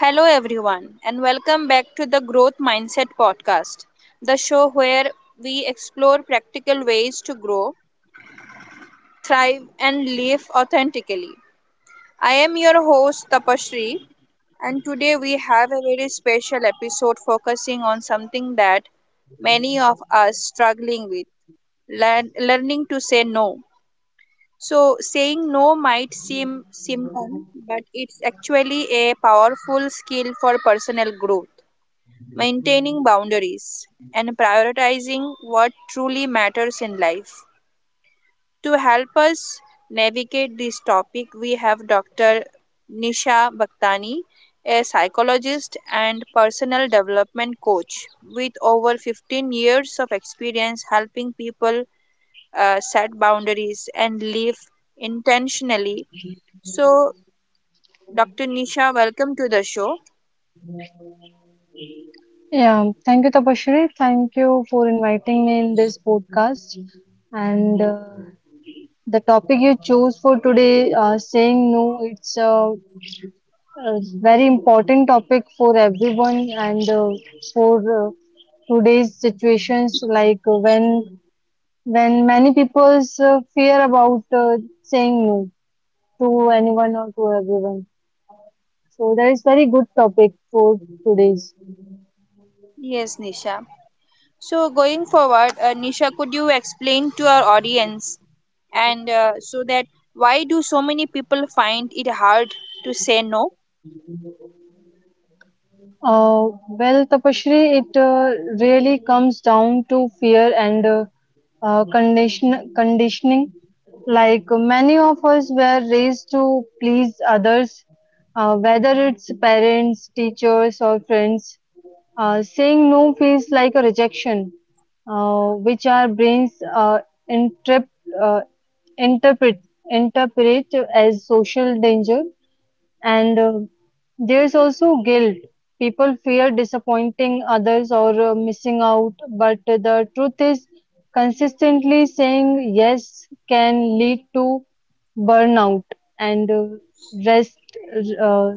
Hello, everyone, and welcome back to the Growth Mindset Podcast, the show where we explore practical ways to grow, thrive, and live authentically. I am your host, Tapashri, and today we have a very special episode focusing on something that many of us struggling with learning to say no. So, saying no might seem simple, but it's actually a powerful skill for personal growth, maintaining boundaries, and prioritizing what truly matters in life. To help us navigate this topic, we have Dr. Nisha Bhaktani, a psychologist and personal development coach with over 15 years of experience helping people set boundaries and live intentionally. So, Dr. Nisha, welcome to the show. Yeah, thank you, Tapasree. Thank you for inviting me in this podcast. And the topic you chose for today, saying no, a very important topic for everyone and for today's situations, like when many people fear about saying no to anyone or to everyone. So that is very good topic for today's. Yes, Nisha. So going forward, Nisha, could you explain to our audience, and so that why do so many people find it hard to say no? Well, Tapashri, it really comes down to fear and conditioning. Like many of us were raised to please others, whether it's parents, teachers, or friends. Saying no feels like a rejection, which our brains interp- uh, interpret interpret as social danger and there's also guilt. People fear disappointing others or missing out, but the truth is, consistently saying yes can lead to burnout and rest, uh,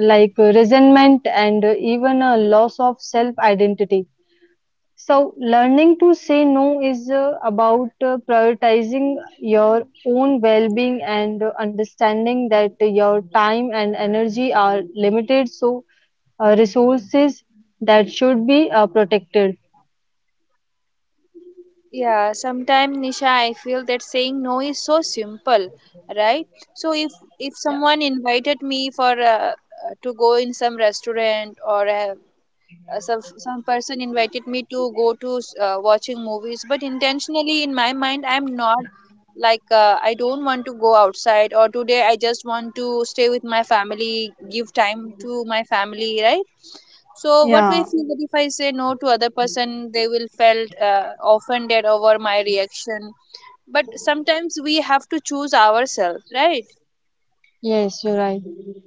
like resentment and even a loss of self identity. So, learning to say no is about prioritizing your own well being and understanding that your time and energy are limited, so, resources that should be protected. Yeah, sometimes Nisha, I feel that saying no is so simple, right? So if someone invited me for to go in some restaurant, or some person invited me to go to watching movies, but intentionally in my mind, I'm not like I don't want to go outside. Or today, I just want to stay with my family, give time to my family, right? So what we Yeah, feel that if I say no to other person, they will felt offended over my reaction. But sometimes we have to choose ourselves, right? yes, you're right.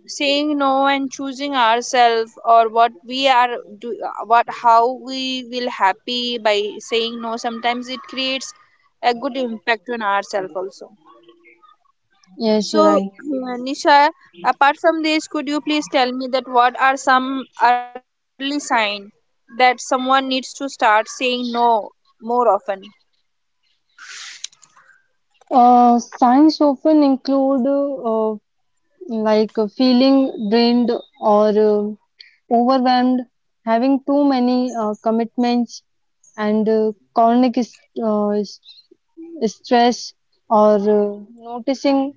Saying no and choosing ourselves, or what we are do what how we will happy by saying no, sometimes it creates a good impact on ourselves also. Yes, you're So right. Nisha, apart from this, could you please tell me that what are some early sign that someone needs to start saying no more often? Signs often include like feeling drained or overwhelmed, having too many commitments, and chronic uh, is- stress or noticing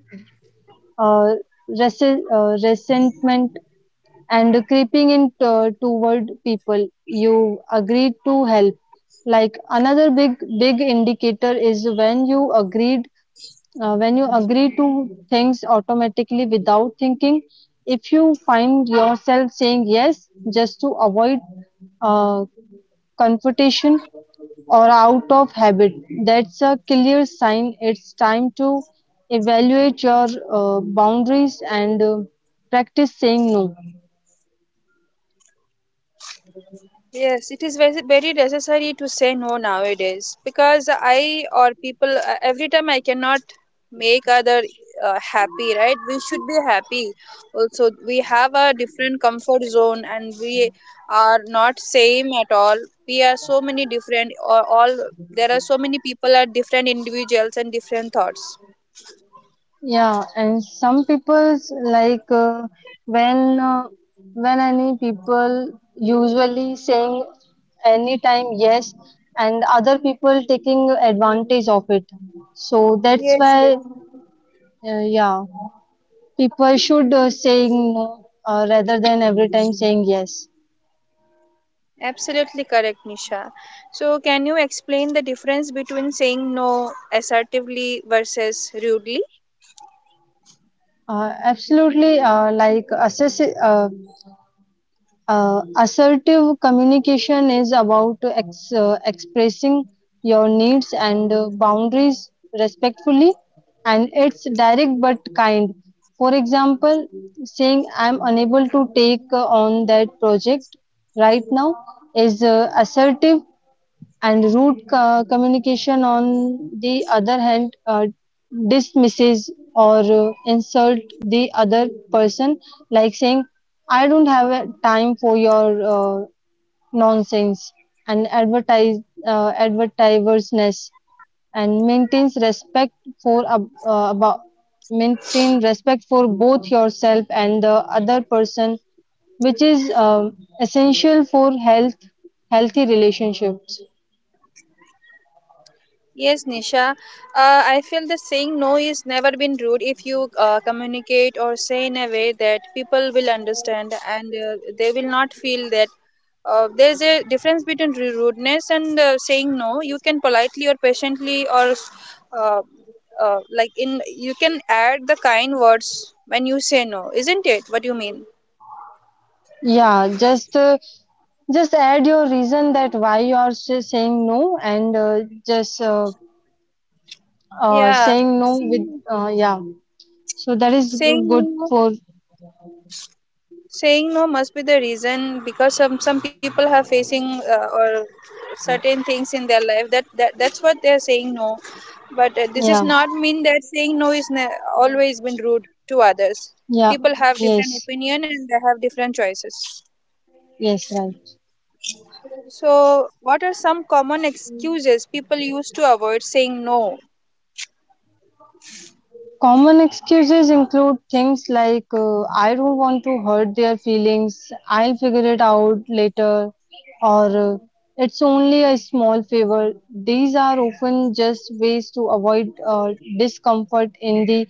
uh, resentment and creeping in toward people you agreed to help. Like another big indicator is when you agreed when you agree to things automatically without thinking. If you find yourself saying yes just to avoid uh, confrontation or out of habit, that's a clear sign it's time to evaluate your boundaries and practice saying no. Yes, it is very, very necessary to say no nowadays, because I or people every time I cannot make other happy, right? We should be happy. Also, we have a different comfort zone, and we are not same at all. We are so many different, or all, there are so many people are different individuals and different thoughts. Yeah, and some people's like when uh, when any people usually saying anytime yes, and other people taking advantage of it. So that's Yes, yes. why, yeah, people should saying no rather than every time saying yes. Absolutely correct, Nisha. So, can you explain the difference between saying no assertively versus rudely? Absolutely. Assertive communication is about expressing your needs and boundaries respectfully, and it's direct but kind. For example, saying I'm unable to take on that project right now is assertive, and communication on the other hand dismisses or insult the other person, like saying I don't have a time for your uh, nonsense. And advertisernesness and maintains respect for ab- about maintain respect for both yourself and the other person, which is essential for healthy relationships. Yes, Nisha. I feel the saying no is never been rude if you communicate or say in a way that people will understand, and they will not feel that there's a difference between rudeness and saying no. You can politely or patiently or uh, like in you can add the kind words when you say no, isn't it? What you mean? Yeah, just add your reason that why you are saying no, and just Yeah, saying no with saying yeah. So that is saying good no for saying no must be the reason, because some people are facing or certain things in their life that, that's what they're saying no. But this is yeah, not mean that saying no is always been rude to others. yeah, People have different yes, opinion and they have different choices. yes, right. So what are some common excuses people use to avoid saying no? Common excuses include things like, I don't want to hurt their feelings, I'll figure it out later, or it's only a small favor. These are often just ways to avoid discomfort in the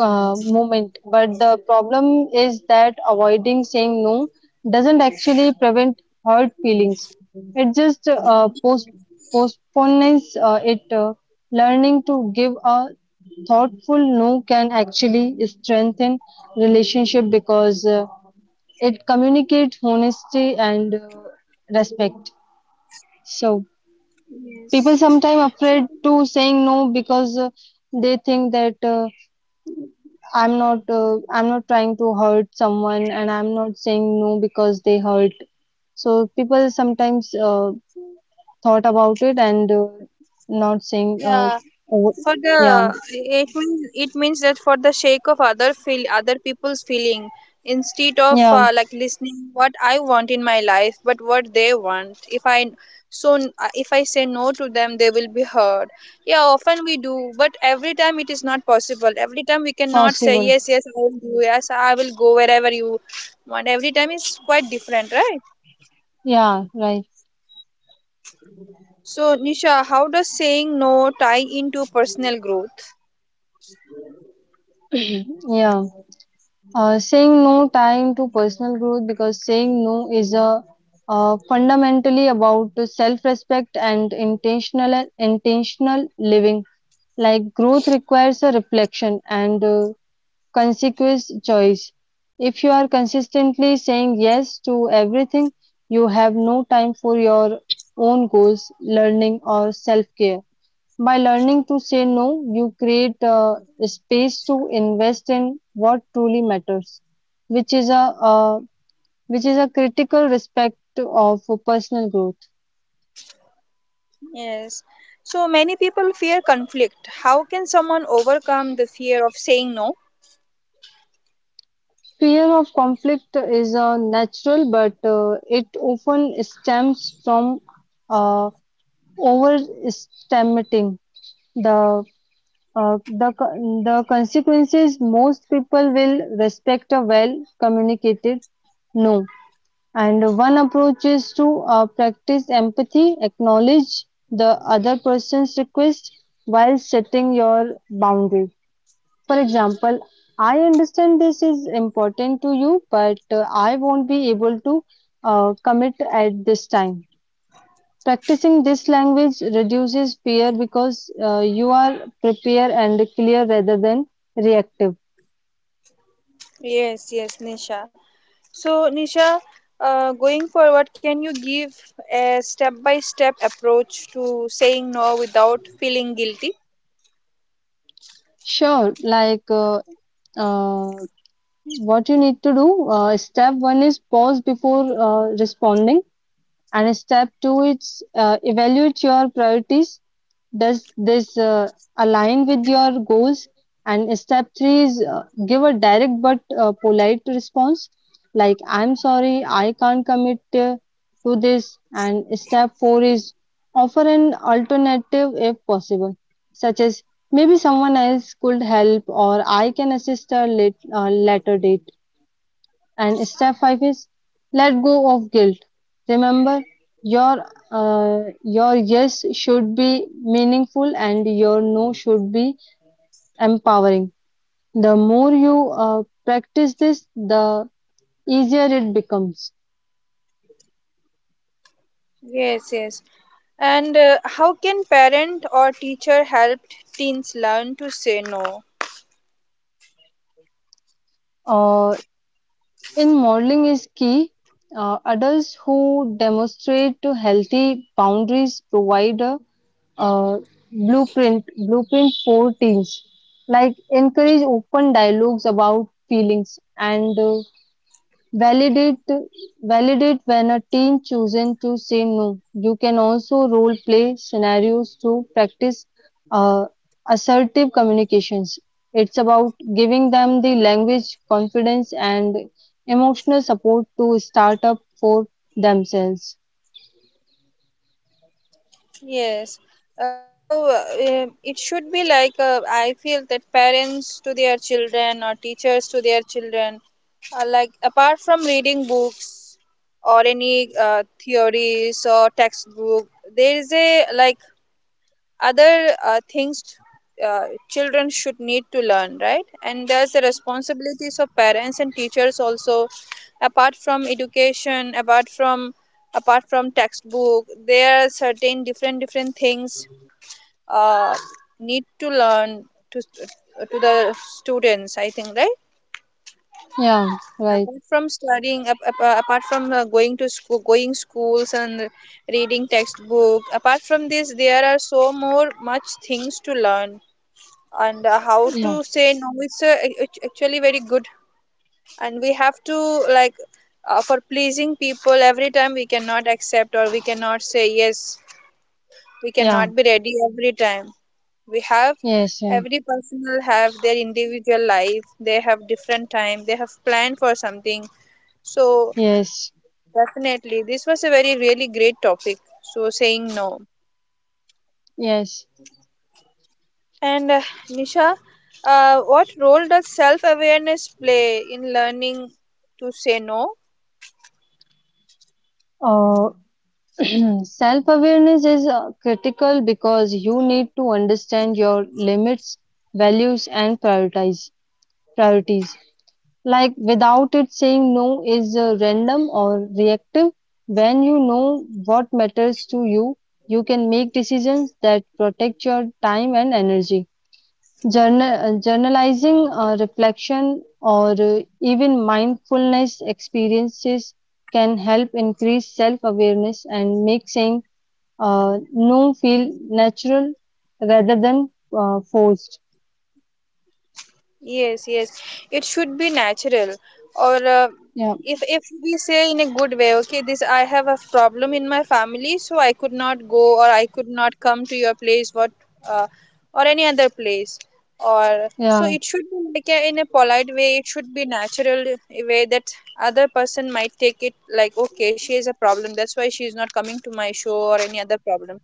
moment. But the problem is that avoiding saying no doesn't actually prevent hurt feelings. It just postpones it. Learning to give a thoughtful no can actually strengthen relationship because it communicates honesty and respect. So Yes. people sometimes afraid So, to saying no because they think that I'm not trying to hurt someone and I'm not saying no because they hurt. So people sometimes thought about it and not saying yeah. over- For the, yeah, it means that for the sake of other feel other people's feeling, instead of yeah, like listening what I want in my life, but what they want if I. So if I say no to them, they will be hurt. Yeah, often we do, but every time it is not possible. Every time we cannot say possible, yes, yes I will do, yes I will go wherever you want. Every time is quite different, right? yeah, right, So Nisha, how does saying no tie into personal growth? yeah. Saying no time to personal growth because saying no is a fundamentally about self-respect and intentional living. Like growth requires a reflection and consequence choice. If you are consistently saying yes to everything, you have no time for your own goals, learning, or self-care. By learning to say no, you create a space to invest in what truly matters, which is a uh, which is a critical respect of personal growth. Yes. So many people fear conflict. How can someone overcome the fear of saying no? Fear of conflict is a natural, but it often stems from uh, overestimating the the consequences. Most people will respect a well communicated no. And one approach is to practice empathy, acknowledge the other person's request while setting your boundary. For example, I understand this is important to you, but I won't be able to commit at this time. Practicing this language reduces fear because you are prepared and clear rather than reactive. Yes, yes, Nisha. So, Nisha, going forward, can you give a step by step approach to saying no without feeling guilty? Sure, uh, what you need to do, step one is pause before responding, and step two is evaluate your priorities. Does this align with your goals? And step three is give a direct but polite response, like I'm sorry, I can't commit to this. And step four is offer an alternative if possible, such as maybe someone else could help or I can assist a late, later date. And step five is let go of guilt. Remember, your your yes should be meaningful and your no should be empowering. The more you practice this, the easier it becomes. Yes, yes. And how can parent or teacher help teens learn to say no? Uh, in modeling is key. Adults who demonstrate healthy boundaries provide a uh, blueprint for teens. Like encourage open dialogues about feelings and validate validate when a teen chosen to say no. You can also role play scenarios to practice uh, assertive communications. It's about giving them the language confidence and emotional support to start up for themselves. Yes. So it should be like I feel that parents to their children or teachers to their children. Like apart from reading books or any theories or textbook, there is a like other things, uh, children should need to learn, right? And there's the responsibilities of parents and teachers also. Apart from education, apart from textbook, there are certain different things uh, need to learn to to the students. I think, right? Yeah, right, Apart from studying, apart from going schools and reading textbook. Apart from this, there are so more much things to learn, and how to yeah, say no, it's actually very good. And we have to, like for pleasing people, every time we cannot accept or we cannot say yes. We yeah, cannot be ready every time. We have yes, right, Every person will have their individual life. They have different time, they have planned for something. So, yes. definitely. This was a very, really great topic. So, saying no. Yes, And Nisha, what role does self awareness play in learning to say no? uh, self-awareness is critical because you need to understand your limits, values, and prioritize priorities. Like without it, saying no is random or reactive. When you know what matters to you, you can make decisions that protect your time and energy. Journalizing, reflection, or even mindfulness experiences can help increase self awareness and make saying no feel natural rather than forced. Yes, yes. It should be natural. Or Yeah, if we say in a good way, okay, this I have a problem in my family, so I could not go, or I could not come to your place, what uh, or any other place. Or so yeah, it should be like in a polite way. It should be natural way that other person might take it like, okay, she has a problem. That's why she is not coming to my show or any other problem.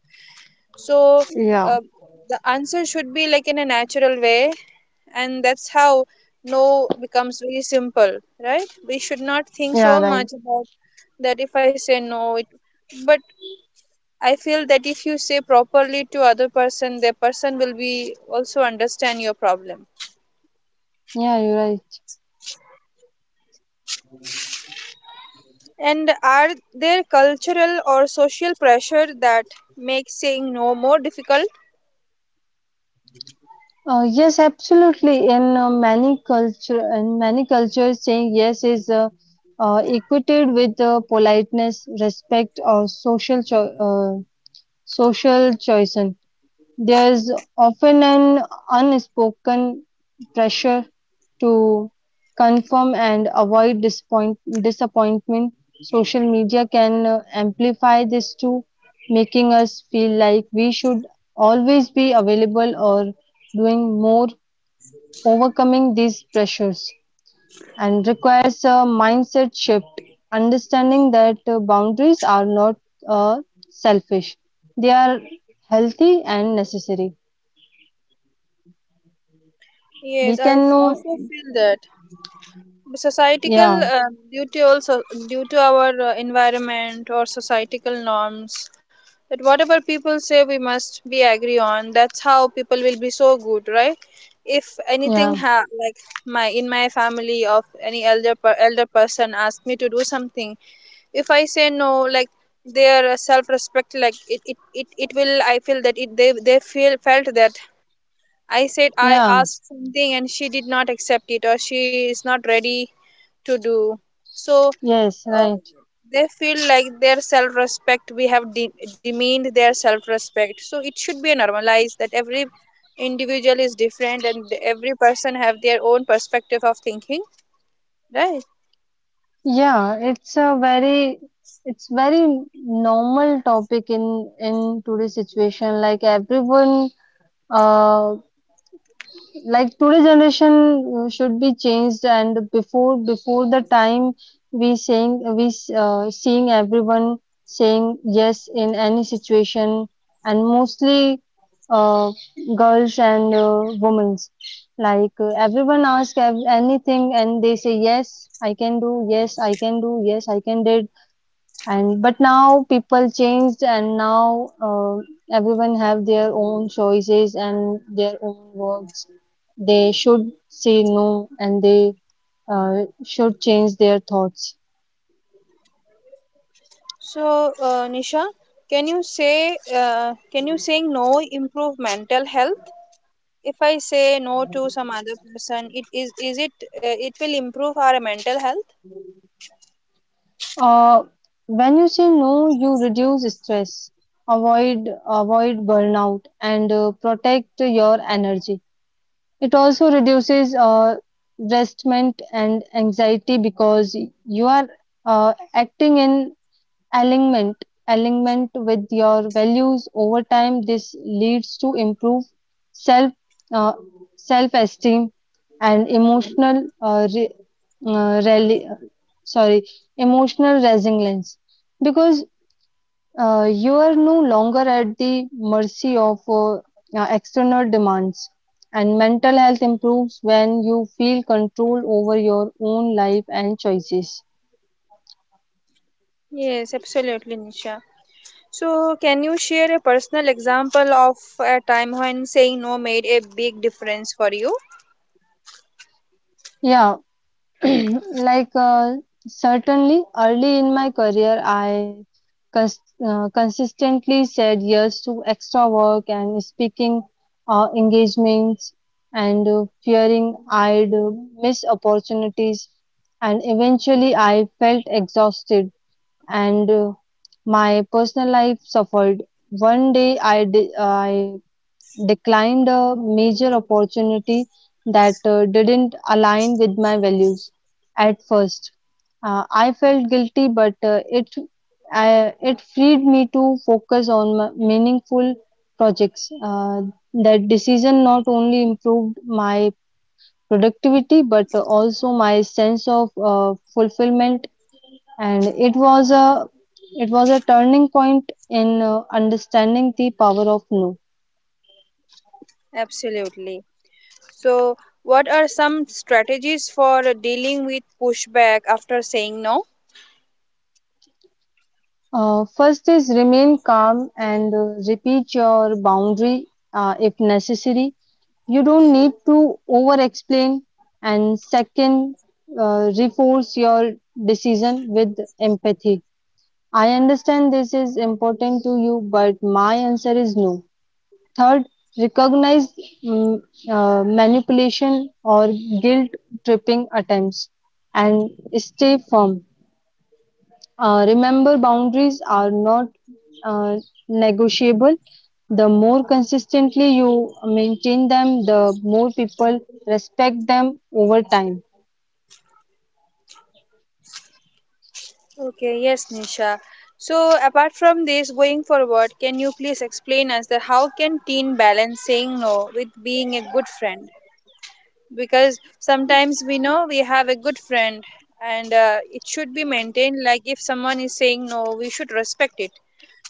So yeah, uh, the answer should be like in a natural way, and that's how no becomes very simple, right? We should not think yeah, so right. much about that if I say no it, but I feel that if you say properly to other person, the person will be also understand your problem. Yeah, you're right. And are there cultural or social pressure that makes saying no more difficult? Yes, absolutely. In many cultures, saying yes is equated with politeness, respect, or social choices. There's often an unspoken pressure to confirm and avoid disappointment. Social media can amplify this too, making us feel like we should always be available or doing more. Overcoming these pressures and requires a mindset shift, understanding that boundaries are not uh, selfish, they are healthy and necessary. We Yes, I can know, also feel that societal yeah, due to our environment or societal norms, that whatever people say we must be agree on. That's how people will be so good, right? If anything yeah, like my in my family of any elder person asked me to do something, if I say no, like their self-respect, like it will, I feel that it they feel felt that I yeah, asked something and she did not accept it, or she is not ready to do. So yes, uh, right. they feel like their self respect, we have demeaned their self respect. So it should be normalized that every individual is different, and every person have their own perspective of thinking, right? Yeah, it's a very, it's very normal topic in today's situation. Like everyone uh like today generation should be changed. And before the time we saying, we seeing everyone saying yes in any situation, and mostly uh, girls and women, like everyone ask anything and they say yes I can do, yes I can do, yes I can did. And but now people changed, and now everyone have their own choices and their own works. They should say no and they should change their thoughts. So Nisha, can you saying no improve mental health? If I say no to some other person, it is it? It will improve our mental health. uh, when you say no, you reduce stress, avoid burnout and protect your energy. It also reduces restment and anxiety because you are acting in alignment alignment with your values. Over time this leads to improved self uh, self esteem and emotional uh, reli- sorry, emotional resilience because you are no longer at the mercy of external demands. And mental health improves when you feel control over your own life and choices. Yes, absolutely, Nisha. So, can you share a personal example of a time when saying no made a big difference for you? Yeah. Like, certainly early in my career, I cons consistently said yes to extra work and speaking engagements and fearing I'd miss opportunities. And eventually, I felt exhausted and my personal life suffered. One day, I declined a major opportunity that didn't align with my values at first. I felt guilty, but it it freed me to focus on my meaningful projects. That decision not only improved my productivity but also my sense of fulfillment, and it was a turning point in understanding the power of no. Absolutely. So, what are some strategies for dealing with pushback after saying no? First is remain calm and repeat your boundary if necessary. You don't need to over explain. And second, reinforce your decision with empathy. I understand this is important to you, but my answer is no. Third, recognize mm, manipulation or guilt tripping attempts and stay firm. Remember, boundaries are not uh, negotiable. The more consistently you maintain them, the more people respect them over time. Okay, yes, Nisha. So, apart from this, going forward, can you please explain us that how can teen balance saying no with being a good friend? Because sometimes we know we have a good friend, and it should be maintained, like if someone is saying no, we should respect it.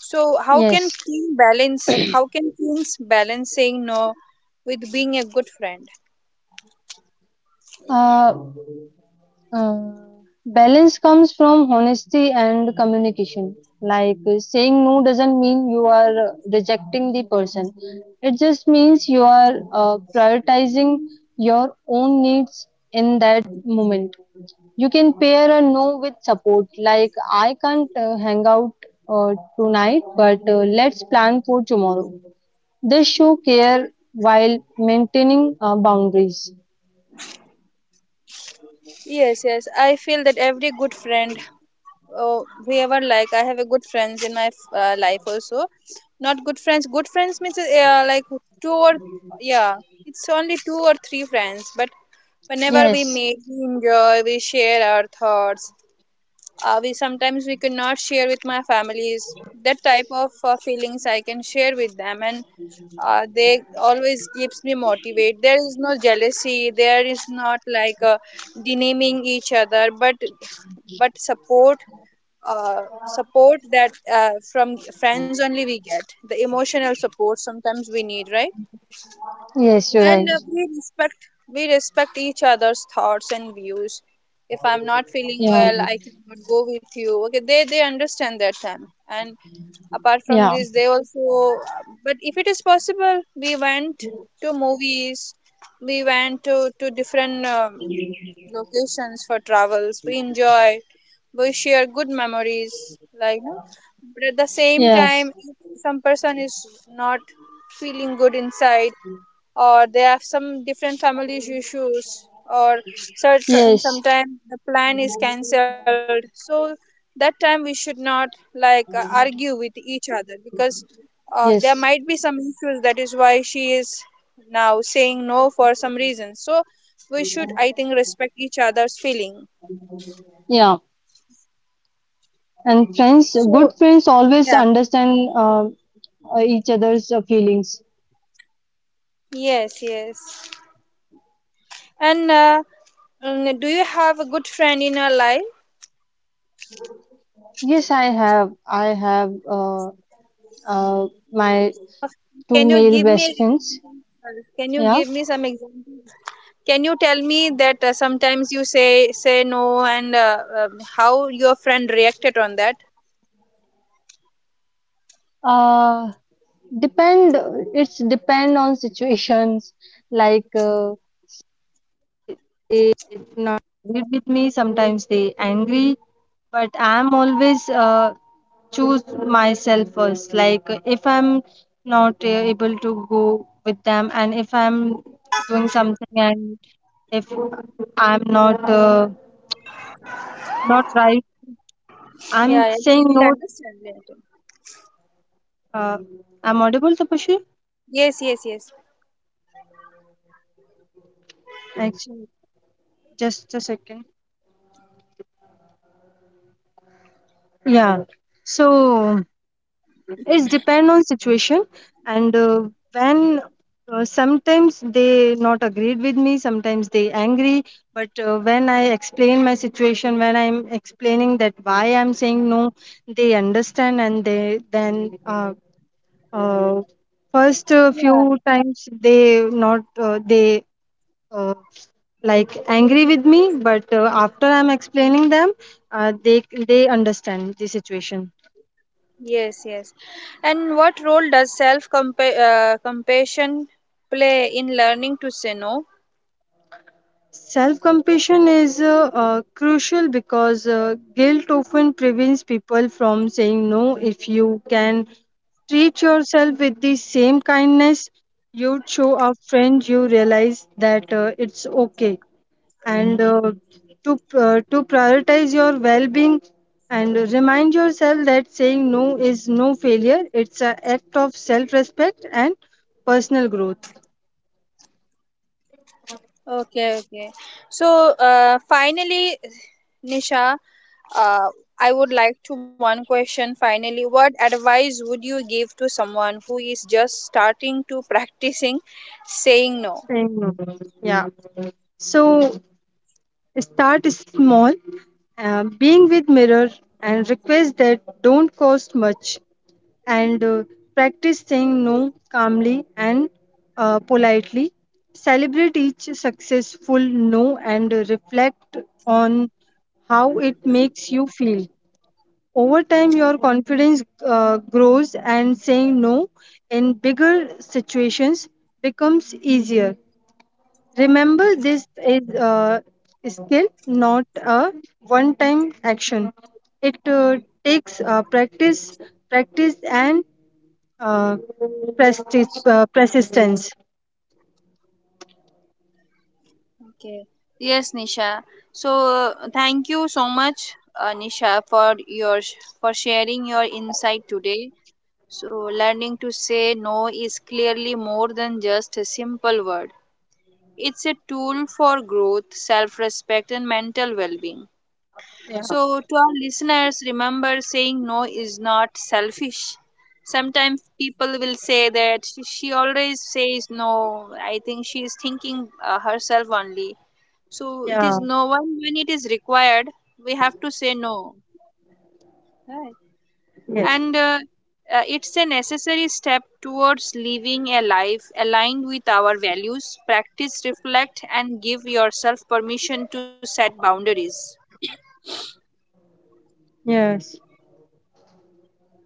So Yes. How can teams balance saying no with being a good friend? Uh, uh, Balance comes from honesty and communication. Like saying no doesn't mean you are rejecting the person, it just means you are prioritizing your own needs in that moment. You can pair a no with support, like I can't hang out tonight, but let's plan for tomorrow. This show care while maintaining boundaries. Yes, yes. I feel that every good friend, oh, whoever like, I have a good friends in my life also. Not good friends. Good friends means like two or yeah, it's only two or three friends. But whenever we Yes, meet, we enjoy, we share our thoughts. We sometimes we cannot share with my families. That type of feelings I can share with them, and they always keeps me motivated. There is no jealousy, there is not like demeaning each other, but but support support that from friends only we get the emotional support sometimes we need, right? yes, you're right. And we respect each other's thoughts and views. If I'm not feeling Yeah, well, I cannot go with you, okay, they understand that time. And apart from yeah, this, they also, but if it is possible, we went to movies, we went to different locations for travels. We enjoy, we share good memories, like no? But at the same yes, time, if some person is not feeling good inside, or they have some different family issues or search, and yes, sometimes the plan is cancelled. So that time we should not, like argue with each other, because there yes, might be some issues. That is why she is now saying no for some reason. So we should, I think, respect each other's feeling. yeah. And friends, good So, friends always yeah. understand each other's feelings. Yes, yes. And do you have a good friend in your life? Yes, I have. I have my two can you male give me best friends. can you Yeah, give me some example? Can you tell me that sometimes you say no, and how your friend reacted on that? Uh, depend. It's depend on situations. Like they not agree with me. Sometimes they angry, but I'm always choose myself first. Like if I'm not able to go with them, and if I'm doing something, and if I'm not not right, I'm Yeah, yeah, saying they will no. understand later. Uh, I'm audible, Tapashi. Yes, yes, yes. Actually, just a second. Yeah. So. It's depend on situation and when sometimes they not agreed with me, sometimes they angry, but when I explain my situation, when I'm explaining that why I'm saying no, they understand. And they then uh, first Yeah. few times they not they uh, like angry with me, but after I'm explaining them, uh, they they understand the situation. Yes, yes. And what role does self compassion play in learning to say no? Self compassion is crucial because guilt often prevents people from saying no. If you can treat yourself with the same kindness you'd show a friend, you realize that it's okay. And to prioritize your well being and remind yourself that saying no is no failure, it's an act of self respect and personal growth. Okay, okay. So, finally, Nisha, Uh, I would like to one question finally. What advice would you give to someone who is just starting to practicing saying no? Saying no. Yeah. So, start small, being with mirror and request that don't cost much, and practice saying no calmly and politely. Celebrate each successful no and reflect on how it makes you feel. Over time, your confidence grows and saying no in bigger situations becomes easier. Remember, this is a skill, not a one time action. It takes practice, practice, and uh, persistence. Okay. Yes, Nisha. So thank you so much, Nisha, for sharing your insight today. So learning to say no is clearly more than just a simple word. It's a tool for growth, self-respect, and mental well-being. So, to our listeners, remember saying no is not selfish. Sometimes people will say that she always says no. I think she is thinking herself only. So, it is Yeah, no one when it is required, we have to say no. Right. yes, And it's a necessary step towards living a life aligned with our values. Practice, reflect, and give yourself permission to set boundaries. yes.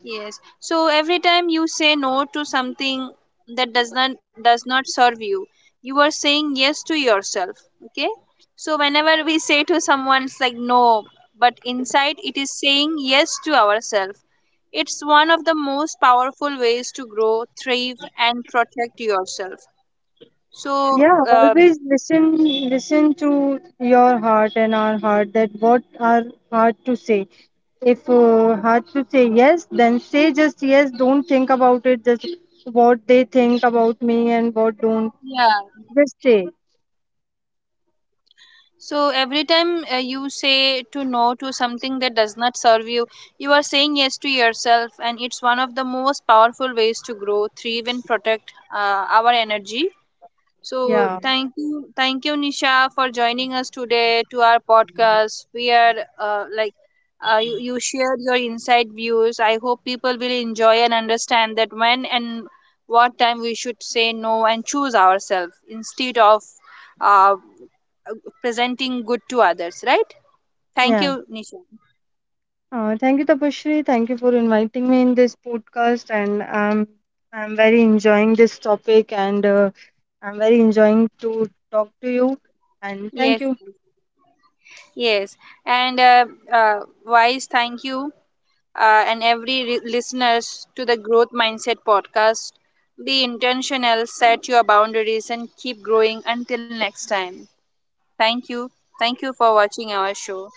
Yes. So every time you say no to something that does not serve you, you are saying yes to yourself. Okay? So whenever we say to someone it's like no, but inside it is saying yes to ourselves. It's one of the most powerful ways to grow, thrive and protect yourself. So Yeah, always listen to your heart and our heart that what our heart to say. If heart to say yes, then say just yes. Don't think about it. Just what they think about me and what don't. yeah. Just stay. So every time you say to no to something that does not serve you, you are saying yes to yourself, and it's one of the most powerful ways to grow, thrive, and protect our energy. So Yeah, thank you, Nisha, for joining us today to our podcast. We are like you shared your inside views. I hope people will enjoy and understand that when and what time we should say no and choose ourselves instead of uh, presenting good to others. Right? Thank yeah. you, Nisha. Thank you, Tapashri. Thank you for inviting me in this podcast, and I'm very enjoying this topic, and I'm very enjoying to talk to you. And thank Yes, you. yes, and uh, Wise, thank you. And every listeners to the Growth Mindset podcast, be intentional, set your boundaries, and keep growing until next time. Thank you. Thank you for watching our show.